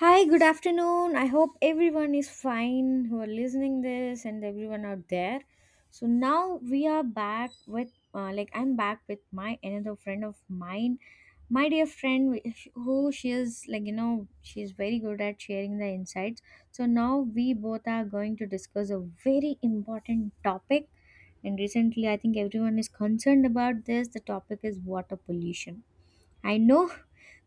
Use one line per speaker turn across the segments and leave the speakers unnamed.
Hi, good afternoon. I hope everyone is fine who are listening this and everyone out there. So now we are back with like I'm back with my another friend of mine, my dear friend who she is like you know she's very good at sharing the insights. So now we both are going to discuss a very important topic and recently I think everyone is concerned about this. The topic is water pollution. I know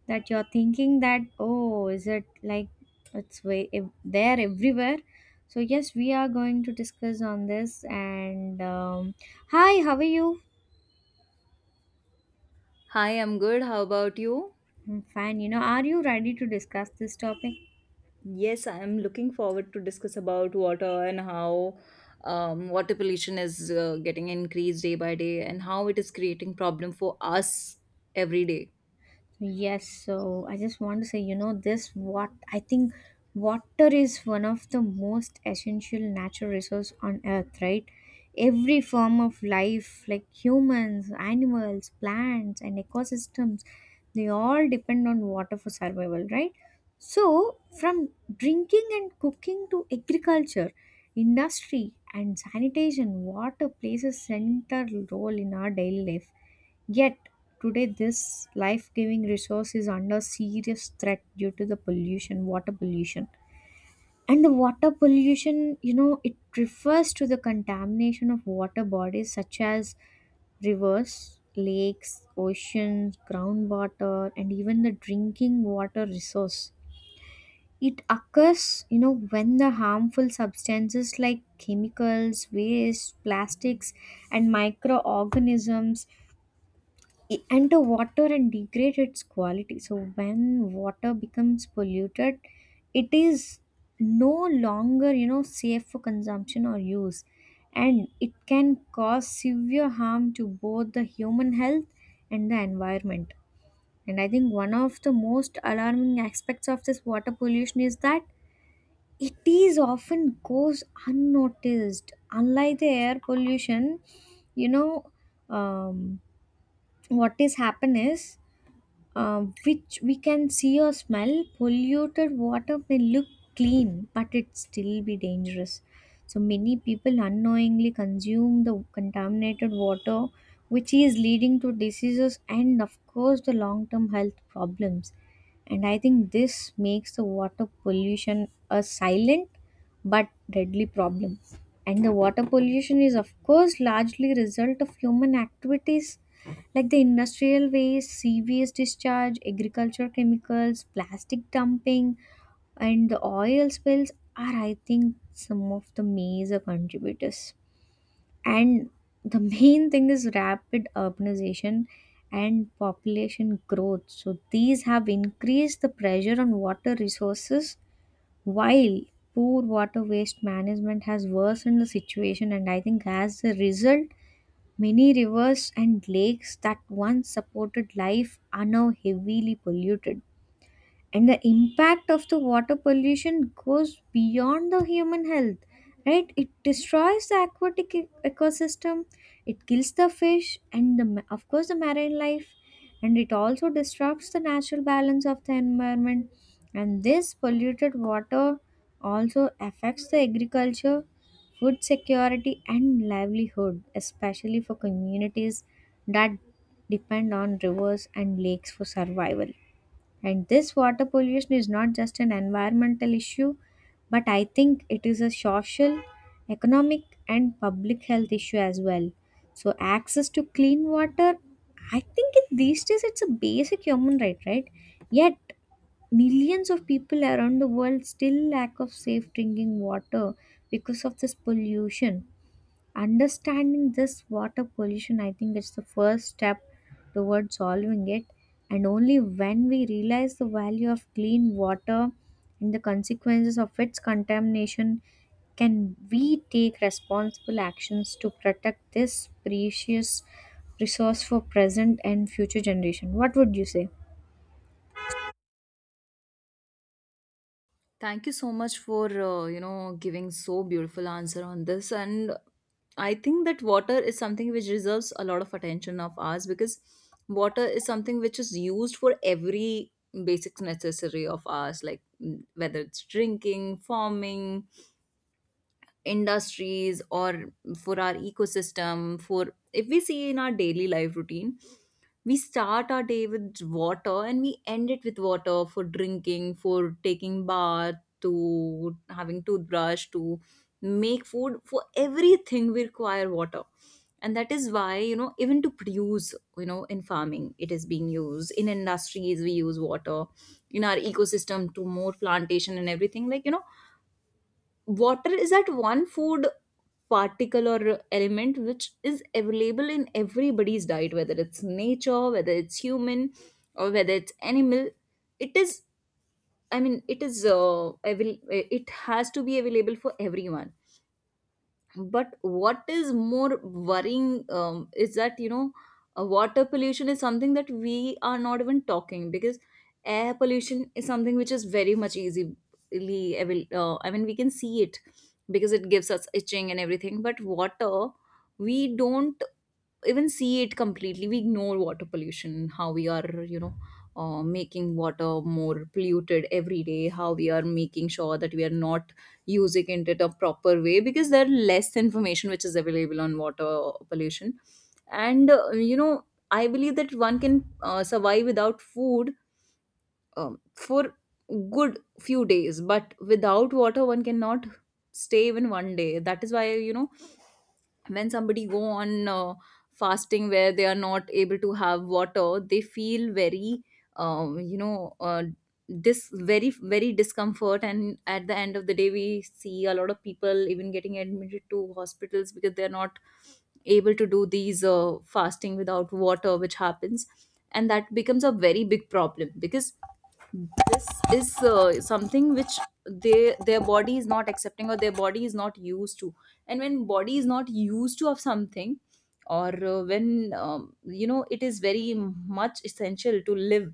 that you're thinking that oh is it like it's there everywhere, so yes we are going to discuss on this and hi, how are you?
Hi, I'm good. How about you?
I'm fine, you know, are you ready to discuss this topic?
Yes, I'm looking forward to discuss about water and how water pollution is getting increased day by day, and how it is creating problem for us every day.
Yes, so I just want to say, you know, this what I think water is one of the most essential natural resource on earth, right? Every form of life, like humans, animals, plants, and ecosystems, they all depend on water for survival, right? So, from drinking and cooking to agriculture, industry, and sanitation, water plays a central role in our daily life. Yet, today, this life giving resource is under serious threat due to the pollution, water pollution. And the water pollution, you know, it refers to the contamination of water bodies such as rivers, lakes, oceans, groundwater, and even the drinking water resource. It occurs, you know, when the harmful substances like chemicals, waste, plastics, and microorganisms and the water and degrade its quality. So when water becomes polluted, it is no longer, you know, safe for consumption or use, and it can cause severe harm to both the human health and the environment. And I think one of the most alarming aspects of this water pollution is that it is often goes unnoticed, unlike the air pollution. You know um, what is happen is uh, which we can see or smell, polluted water may look clean, but it still be dangerous. So many people unknowingly consume the contaminated water, which is leading to diseases and, of course, the long-term health problems. And I think this makes the water pollution a silent but deadly problem. And the water pollution is, of course, largely result of human activities like the industrial waste, sewage discharge, agriculture chemicals, plastic dumping, and the oil spills are, I think, some of the major contributors. And the main thing is rapid urbanization and population growth. So these have increased the pressure on water resources, while poor water waste management has worsened the situation. And I think, as a result, many rivers and lakes that once supported life are now heavily polluted. And the impact of the water pollution goes beyond the human health, right? It destroys the aquatic ecosystem, it kills the fish and the of course the marine life, and it also disrupts the natural balance of the environment. And this polluted water also affects the agriculture, food security, and livelihood, especially for communities that depend on rivers and lakes for survival. And this water pollution is not just an environmental issue, but I think it is a social, economic, and public health issue as well. So, access to clean water, I think it, these days it's a basic human right, right? Yet, millions of people around the world still lack of safe drinking water because of this pollution. Understanding this water pollution, I think it's the first step towards solving it. And only when we realize the value of clean water and the consequences of its contamination can we take responsible actions to protect this precious resource for present and future generation. What would you say?
Thank you so much for giving so beautiful answer on this, and I think that water is something which deserves a lot of attention of ours, because water is something which is used for every basic necessary of ours, like whether it's drinking, farming, industries, or for our ecosystem. For, if we see in our daily life routine, we start our day with water and we end it with water, for drinking, for taking bath, to having toothbrush, to make food. For everything we require water, and that is why, even to produce, in farming it is being used, in industries we use water, in our ecosystem to more plantation and everything. Like water is that one food particle or element which is available in everybody's diet, whether it's nature, whether it's human, or whether it's animal. It is, I mean, it has to be available for everyone. But what is more worrying, is that, water pollution is something that we are not even talking, because air pollution is something which is very much easily I mean we can see it, because it gives us itching and everything. But water, we don't even see it. Completely we ignore water pollution. How we are, making water more polluted every day. How we are making sure that we are not using it in a proper way, because there are less information which is available on water pollution. And I believe that one can survive without food for good few days, but without water one cannot stay even one day. That is why, when somebody go on fasting, where they are not able to have water, they feel very um, you know uh, this very very discomfort. And at the end of the day we see a lot of people even getting admitted to hospitals, because they're not able to do these fasting without water, which happens. And that becomes a very big problem, because this is something which they, their body is not accepting, or their body is not used to. And when body is not used to of something, or when it is very much essential to live,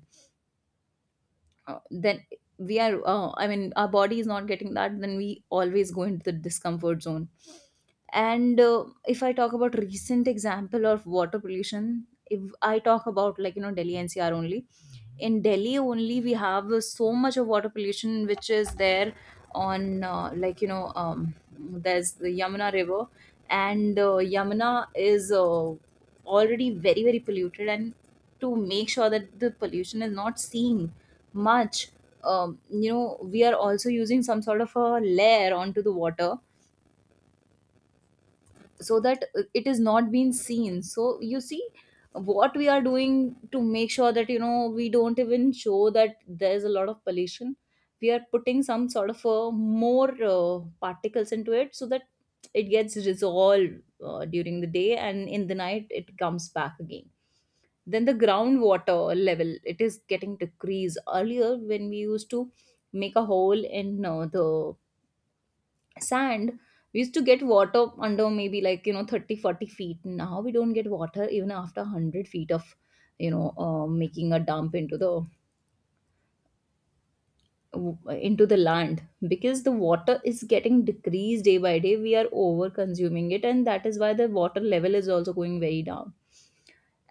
then we are, I mean our body is not getting that, then we always go into the discomfort zone. And if I talk about recent example of water pollution, if I talk about, like Delhi NCR only. In Delhi only we have so much of water pollution which is there, on, like there's the Yamuna river. And Yamuna is already very very polluted, and to make sure that the pollution is not seen much, we are also using some sort of a layer onto the water, so that it is not being seen. So you see what we are doing to make sure that we don't even show that there's a lot of pollution. We are putting some sort of a more particles into it, so that it gets resolved during the day, and in the night it comes back again. Then the groundwater level, it is getting decreased. Earlier, when we used to make a hole in the sand, we used to get water under, maybe, like 30-40 feet. Now we don't get water even after 100 feet of making a dump into the land, because the water is getting decreased day by day, we are over consuming it, and that is why the water level is also going very down.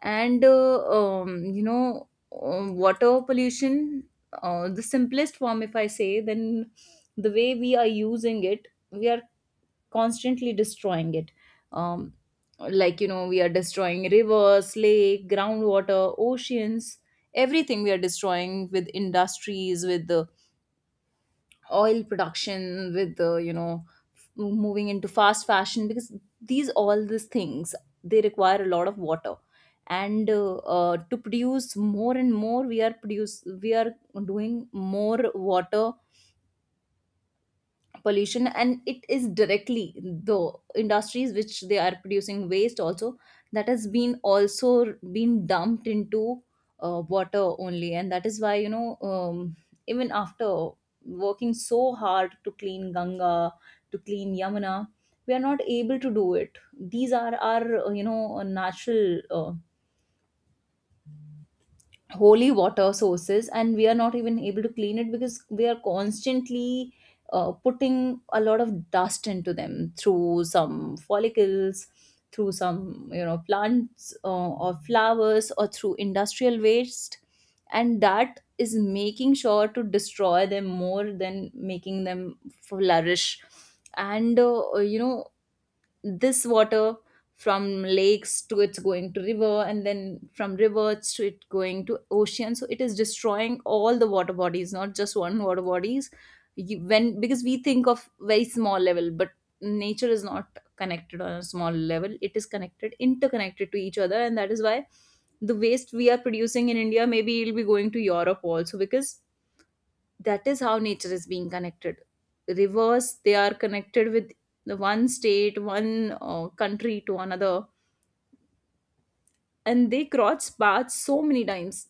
And um, you know water pollution, the simplest form if I say, then the way we are using it, we are constantly destroying it. um, like we are destroying rivers, lake, groundwater, oceans. Everything we are destroying with industries, with the oil production, with the, moving into fast fashion, because these all these things, they require a lot of water. And to produce more and more, we are doing more water pollution, and it is directly the industries which they are producing waste also, that has been also been dumped into water only. And that is why, even after working so hard to clean Ganga, to clean Yamuna, we are not able to do it. These are our natural, uh, holy water sources, and we are not even able to clean it, because we are constantly putting a lot of dust into them, through some follicles, through some plants, or flowers, or through industrial waste. And that is making sure to destroy them more than making them flourish. And this water from lakes to, it's going to river, and then from rivers to, it going to ocean. So it is destroying all the water bodies, not just one water bodies. When, because we think of very small level, but nature is not connected on a small level, it is connected, interconnected to each other, and that is why the waste we are producing in India, maybe it'll be going to Europe also, because that is how nature is being connected. Rivers, they are connected with the one state, one country to another, and they cross paths so many times.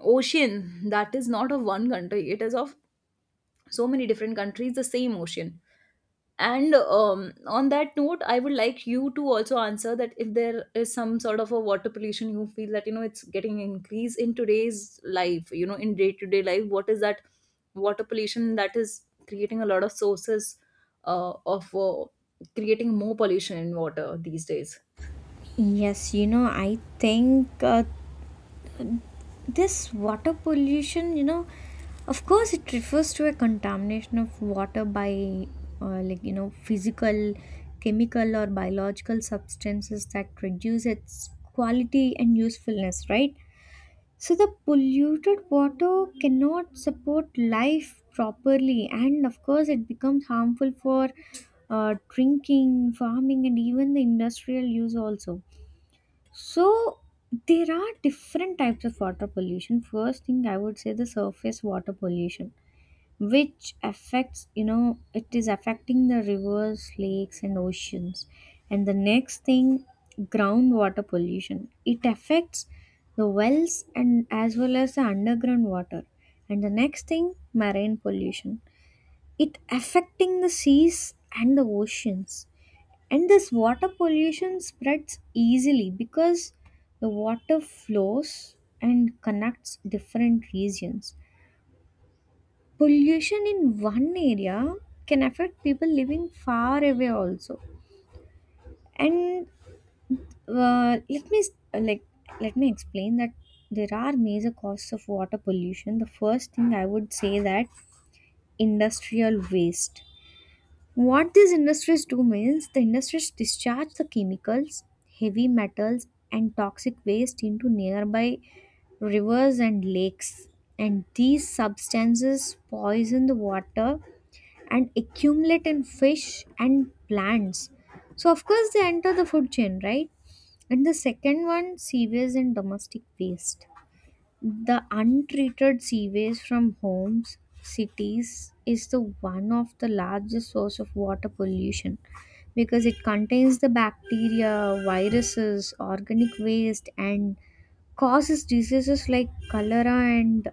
Ocean, that is not of one country, it is of so many different countries, the same ocean. And on that note, I would like you to also answer that, if there is some sort of a water pollution you feel that it's getting increased in today's life, in day to day life. What is that water pollution that is creating a lot of sources of creating more pollution in water these days?
Yes, you know, I think this water pollution, you know, of course it refers to a contamination of water by like you know physical, chemical, or biological substances that reduce its quality and usefulness, right? So the polluted water cannot support life properly, and of course it becomes harmful for drinking, farming, and even the industrial use also. So there are different types of water pollution. First thing I would say the surface water pollution, which affects, you know, it is affecting the rivers, lakes, and oceans. And the next thing, groundwater pollution. It affects the wells and as well as the underground water. And the next thing, marine pollution. It affecting the seas and the oceans. And this water pollution spreads easily because the water flows and connects different regions. Pollution in one area can affect people living far away also. And uh, let me s- like let me explain that there are major causes of water pollution. The first thing I would say that industrial waste. What these industries do means the industries discharge the chemicals, heavy metals, and toxic waste into nearby rivers and lakes. And these substances poison the water and accumulate in fish and plants. So, of course, they enter the food chain, right? And the second one, sewage and domestic waste. The untreated sewage from homes, cities is the one of the largest source of water pollution because it contains the bacteria, viruses, organic waste and causes diseases like cholera and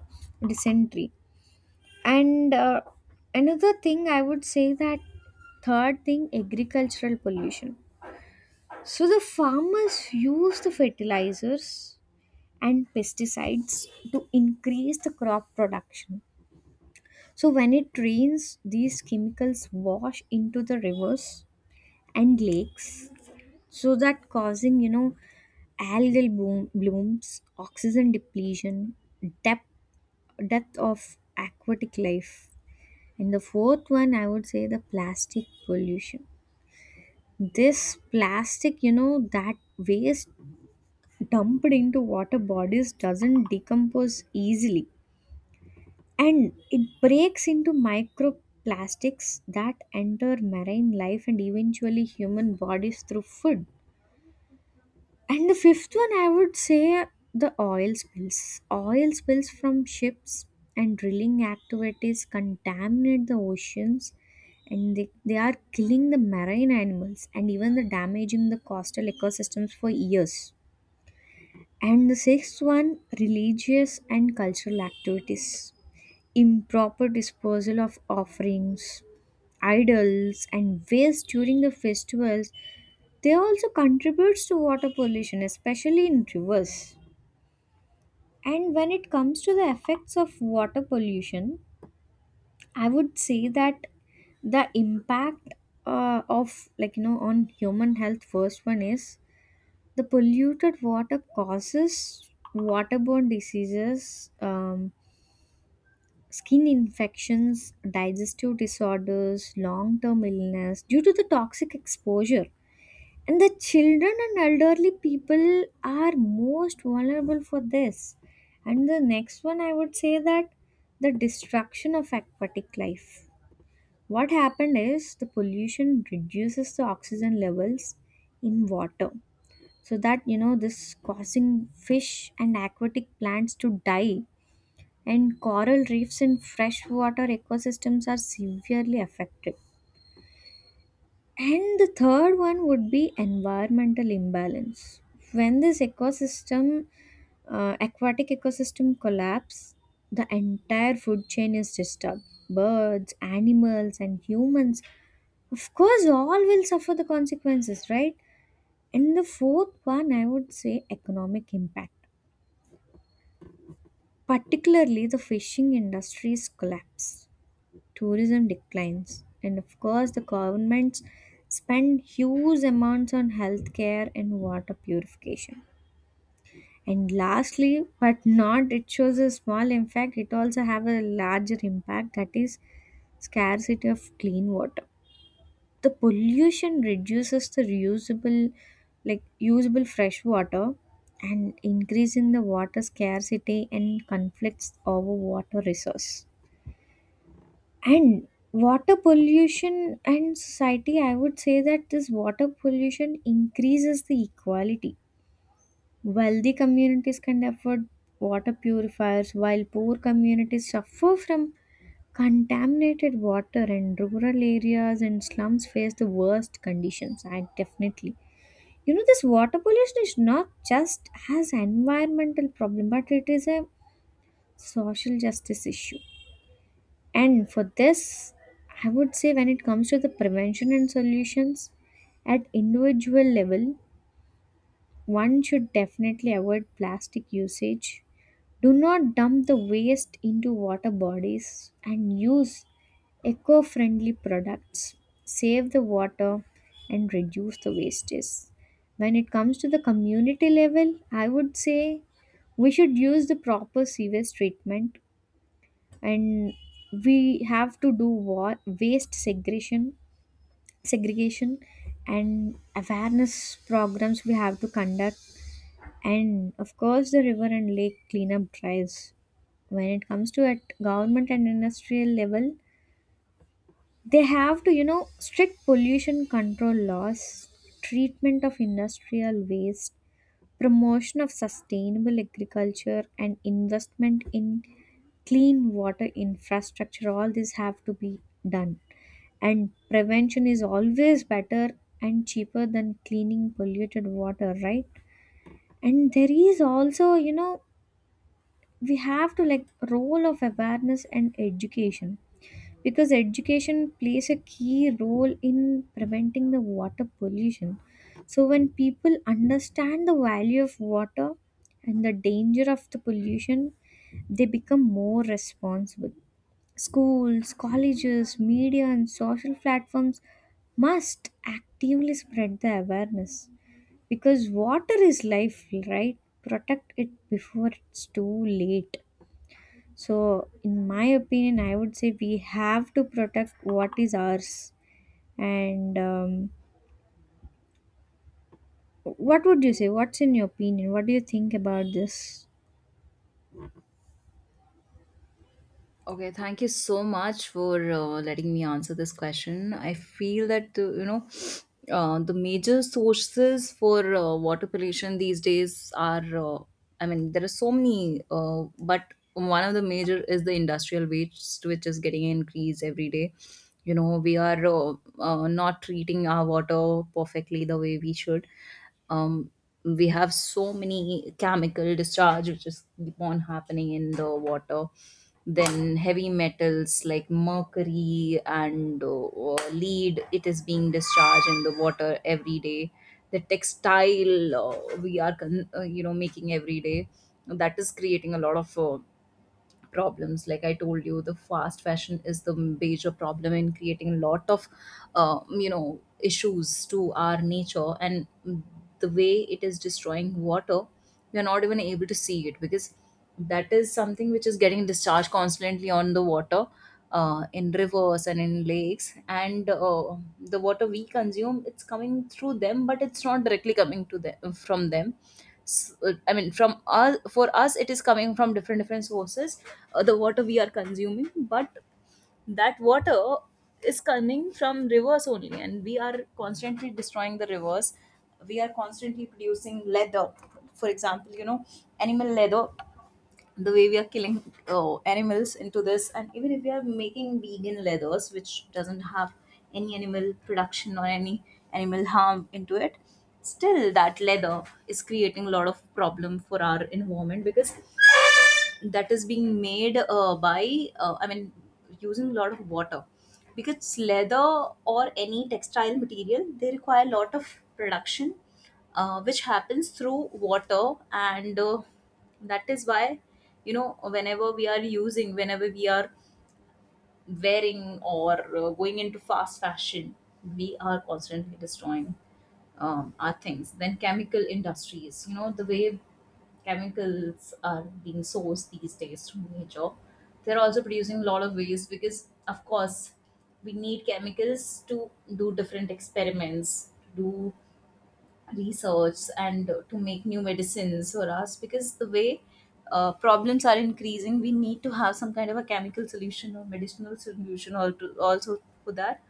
dysentery. And another thing I would say that third thing agricultural pollution. So the farmers use the fertilizers and pesticides to increase the crop production. So, when it rains, these chemicals wash into the rivers and lakes, so that causing, you know, algal blooms, oxygen depletion, depth depth of aquatic life. And the fourth one, I would say the plastic pollution. This plastic, you know, that waste dumped into water bodies doesn't decompose easily, and it breaks into microplastics that enter marine life and eventually human bodies through food. And the fifth one, I would say the oil spills. Oil spills from ships and drilling activities contaminate the oceans, and they are killing the marine animals and even the damaging the coastal ecosystems for years. And the sixth one, religious and cultural activities. Improper disposal of offerings, idols, and waste during the festivals, they also contributes to water pollution, especially in rivers. And when it comes to the effects of water pollution, I would say that the impact of, like you know, on human health, first one is the polluted water causes waterborne diseases, skin infections, digestive disorders, long term illness due to the toxic exposure. And the children and elderly people are most vulnerable for this. And the next one, I would say that the destruction of aquatic life. What happened is the pollution reduces the oxygen levels in water. So that, you know, this causing fish and aquatic plants to die, and coral reefs and freshwater ecosystems are severely affected. And the third one would be environmental imbalance. When this ecosystem, aquatic ecosystem collapse, the entire food chain is disturbed. Birds, animals, and humans, of course, all will suffer the consequences, right? And the fourth one, I would say economic impact, particularly the fishing industry's collapse, tourism declines, and of course the governments spend huge amounts on healthcare and water purification. And lastly, but not it shows a small impact, it also have a larger impact, that is scarcity of clean water. The pollution reduces the reusable, like usable fresh water, and increasing the water scarcity and conflicts over water resource. And water pollution and society, I would say that this water pollution increases the equality. Wealthy communities can afford water purifiers, while poor communities suffer from contaminated water, and rural areas and slums face the worst conditions. I definitely. You know, this water pollution is not just as environmental problem, but it is a social justice issue. And for this, I would say when it comes to the prevention and solutions at individual level, one should definitely avoid plastic usage. Do not dump the waste into water bodies and use eco friendly products. Save the water and reduce the wastage. When it comes to the community level, I would say we should use the proper sewage treatment, and we have to do what waste segregation and awareness programs we have to conduct, and of course the river and lake cleanup drives. When it comes to at government and industrial level, they have to, you know, strict pollution control laws, treatment of industrial waste, promotion of sustainable agriculture and investment in clean water infrastructure, all these have to be done. And prevention is always better and cheaper than cleaning polluted water, right? And there is also, you know, we have to like role of awareness and education, because education plays a key role in preventing the water pollution. So when people understand the value of water and the danger of the pollution, they become more responsible. Schools, colleges, media, and social platforms must actively spread the awareness, because water is life, right? Protect it before it's too late. So, in my opinion, I would say we have to protect what is ours. And what would you say? What's in your opinion? What do you think about this?
Okay, thank you so much for letting me answer this question. I feel that the major sources for water pollution these days are, I mean there are so many, but one of the major is the industrial waste, which is getting increased every day. We are not treating our water perfectly the way we should. Um, we have so many chemical discharge which is keep on happening in the water. Then heavy metals like mercury and lead, it is being discharged in the water every day. The textile, we are making every day, that is creating a lot of problems. Like I told you, the fast fashion is the major problem in creating a lot of issues to our nature. And the way it is destroying water, we are not even able to see it, because that is something which is getting discharged constantly on the water, in rivers and in lakes. And the water we consume, it's coming through them, but it's not directly coming to them from them. I mean from us. For us, it is coming from different different sources. The water we are consuming, but that water is coming from rivers only, and we are constantly destroying the rivers. We are constantly producing leather. For example, animal leather. The way we are killing, oh, animals into this. And even if we are making vegan leathers which doesn't have any animal production or any animal harm into it, still that leather is creating a lot of problem for our environment, because that is being made by, I mean using a lot of water, because leather or any textile material they require a lot of production, which happens through water. And that is why, whenever we are using, whenever we are wearing, or going into fast fashion, we are constantly destroying our things. Then chemical industries, the way chemicals are being sourced these days from nature, they're also producing a lot of waste, because, of course, we need chemicals to do different experiments, to do research, and to make new medicines for us, because the way problems are increasing, we need to have some kind of a chemical solution or medicinal solution or to, also, for that.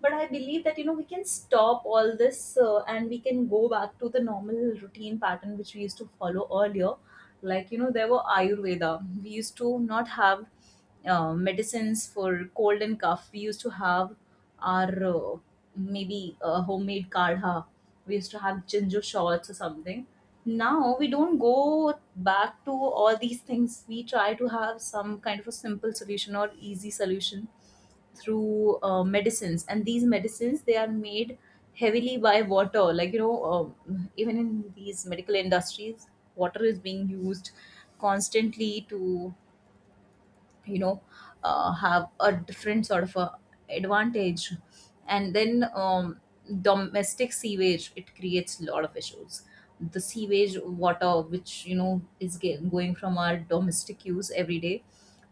But I believe that we can stop all this, and we can go back to the normal routine pattern which we used to follow earlier. Like there were ayurveda. We used to not have medicines for Cold and cough, we used to have our maybe homemade kadha. We used to have ginger shots or something. Now we don't go back to all these things. We try to have some kind of a simple solution or easy solution through medicines, and these medicines, they are made heavily by water. Even in these medical industries, water is being used constantly to, you know, have a different sort of a advantage. And then domestic sewage, it creates a lot of issues. The sewage water, which you know is going from our domestic use every day.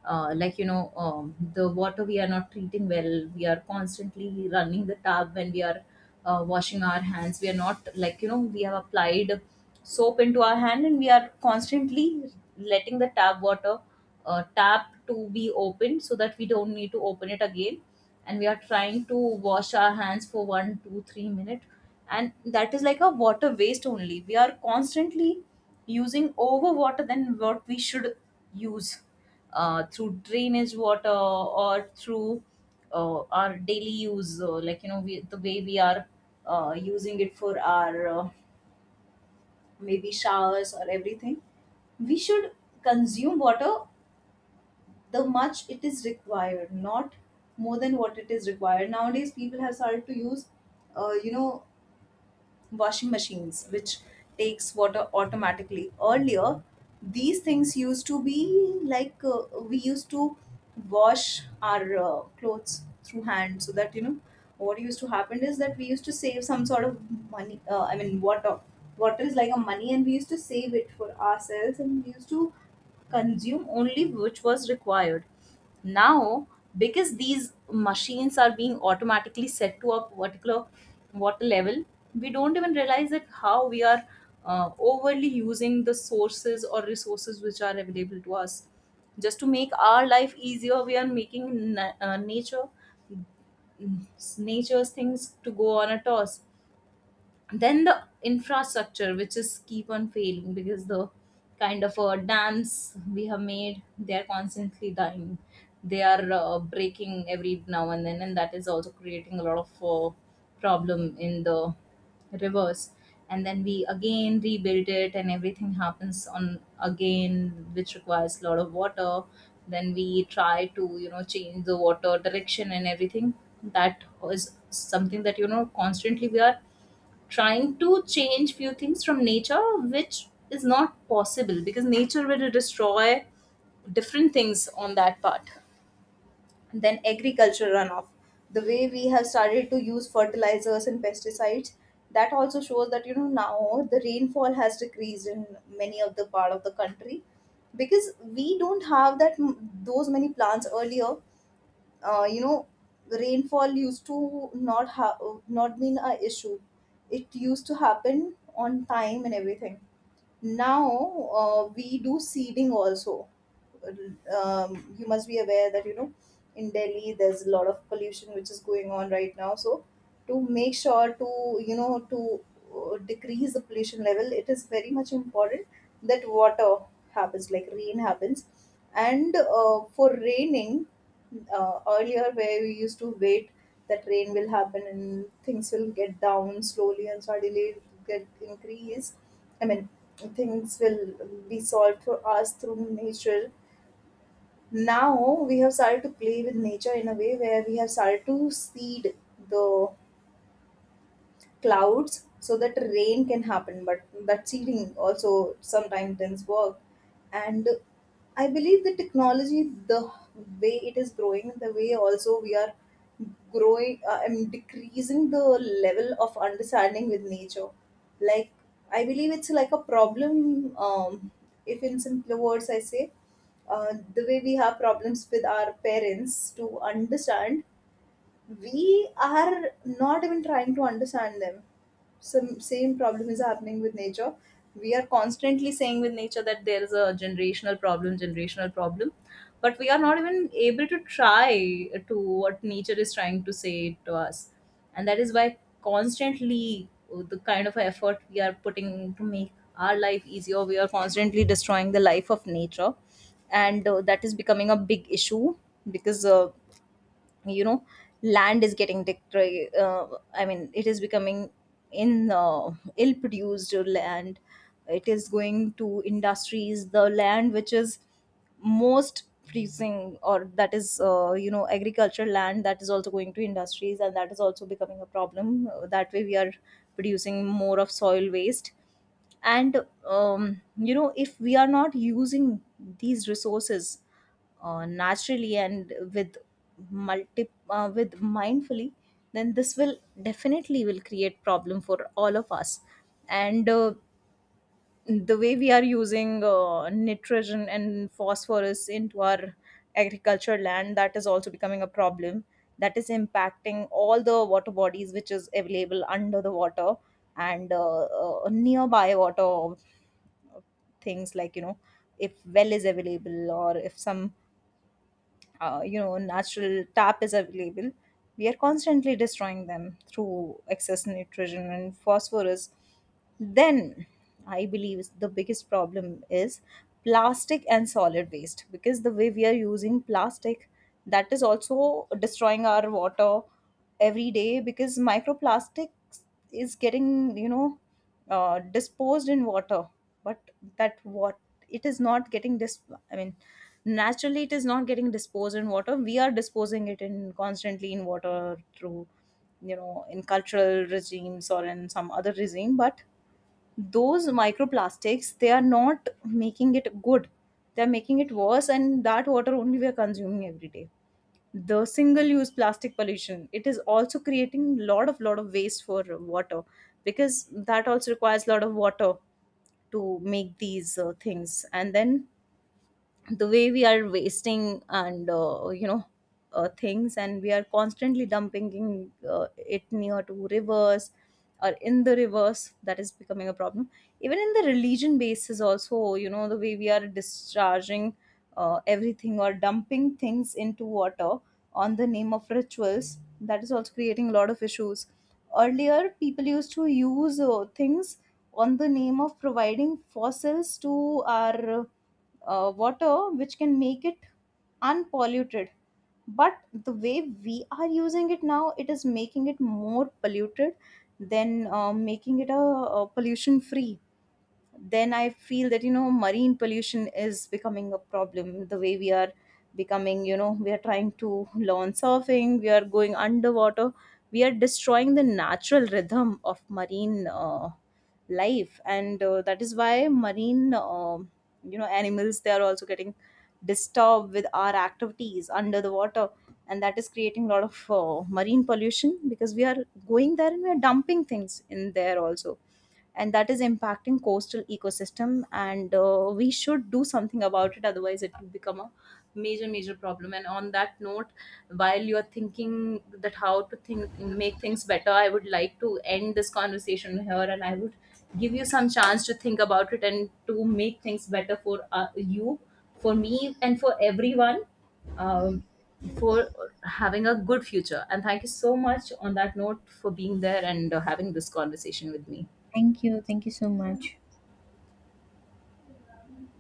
Like you know, the water, we are not treating well. We are constantly running the tap when we are washing our hands. We are not, like you know, we have applied soap into our hand, and we are constantly letting the tap water, tap to be opened, so that we don't need to open it again. And we are trying to wash our hands for 1, 2, 3 minutes, and that is like a water waste only. We are constantly using over water than what we should use through drainage water or through our daily use. Like you know, we, the way we are using it for our maybe showers or everything, we should consume water the much it is required, not more than what it is required. Nowadays, people have started to use, you know, washing machines, which takes water automatically. Earlier, these things used to be like we used to wash our clothes through hand, so that you know what used to happen is that we used to save some sort of money. I mean, water. Water is like a money, and we used to save it for ourselves, and we used to consume only which was required. Now, because these machines are being automatically set to a particular water level, we don't even realize that how we are overly using the sources or resources which are available to us. Just to make our life easier, we are making nature, nature's things to go on a toss. Then the infrastructure which is keep on failing, because the kind of dams we have made, they are constantly dying. They are breaking every now and then, and that is also creating a lot of problem in the rivers. And then we again rebuild it and everything happens on again, which requires a lot of water. Then we try to, you know, change the water direction and everything. That is something that you know constantly we are trying to change few things from nature, which is not possible, because nature will destroy different things on that part. And then agriculture runoff, the way we have started to use fertilizers and pesticides, that also shows that you know now the rainfall has decreased in many of the part of the country. Because we don't have those many plants earlier, you know, rainfall used to not been a issue. It used to happen on time and everything. Now, we do seeding also. You must be aware that you know in Delhi there's a lot of pollution which is going on right now. So to make sure to, you know, to decrease the pollution level, it is very much important that water happens, like rain happens. And for raining, earlier where we used to wait that rain will happen and things will get down slowly, and suddenly it get increased. I mean, things will be solved for us through nature. Now we have started to play with nature in a way where we have started to seed the clouds so that rain can happen. But that seeding also sometimes doesn't work. And I believe the technology, the way it is growing, the way also we are growing and decreasing the level of understanding with nature, like, I believe it's like a problem. um, if in simpler words I say, the way we have problems with our parents to understand, we are not even trying to understand them. Some same problem is happening with nature. We are constantly saying with nature that there is a generational problem, generational problem. But we are not even able to try to what nature is trying to say to us. And that is why constantly the kind of effort we are putting to make our life easier, we are constantly destroying the life of nature. And that is becoming a big issue. Because you know, land is getting I mean, it is becoming in ill produced land. It is going to industries, the land which is most producing, or that is you know, agricultural land, that is also going to industries, and that is also becoming a problem. That way we are producing more of soil waste. And you know, if we are not using these resources naturally and with mindfully, then this will definitely will create problem for all of us. And the way we are using nitrogen and phosphorus into our agriculture land, that is also becoming a problem. That is impacting all the water bodies which is available under the water. And nearby water things, like you know, if well is available, or if some you know, natural tap is available, we are constantly destroying them through excess nitrogen and phosphorus. Then I believe is the biggest problem is plastic and solid waste, because the way we are using plastic, that is also destroying our water every day. Because microplastics is getting, you know, disposed in water. But that what, it is not getting dis, I mean, naturally it is not getting disposed in water. We are disposing it in constantly in water through, you know, in cultural regimes or in some other regime. But those microplastics, they are not making it good, they're making it worse, and that water only we are consuming every day. The single use plastic pollution, it is also creating lot of waste for water, because that also requires lot of water to make these things. And then the way we are wasting and you know, things, and we are constantly dumping in, it near to rivers or in the rivers, that is becoming a problem. Even in the religion basis also, you know, the way we are discharging everything or dumping things into water on the name of rituals, that is also creating a lot of issues. Earlier, people used to use things on the name of providing fossils to our water which can make it unpolluted. But the way we are using it now, it is making it more polluted than making it a pollution free. Then I feel that you know marine pollution is becoming a problem. The way we are becoming, you know, we are trying to learn surfing, we are going underwater, we are destroying the natural rhythm of marine life. And that is why marine, you know, animals, they are also getting disturbed with our activities under the water. And that is creating a lot of marine pollution, because we are going there and we are dumping things in there also, and that is impacting coastal ecosystem. And we should do something about it, otherwise it will become a major major problem. And on that note, while you are thinking that how to think make things better, I would like to end this conversation here. And I would give you some chance to think about it and to make things better for you, for me, and for everyone. um, for having a good future. And thank you so much on that note for being there and having this conversation with me.
Thank you. Thank you so much.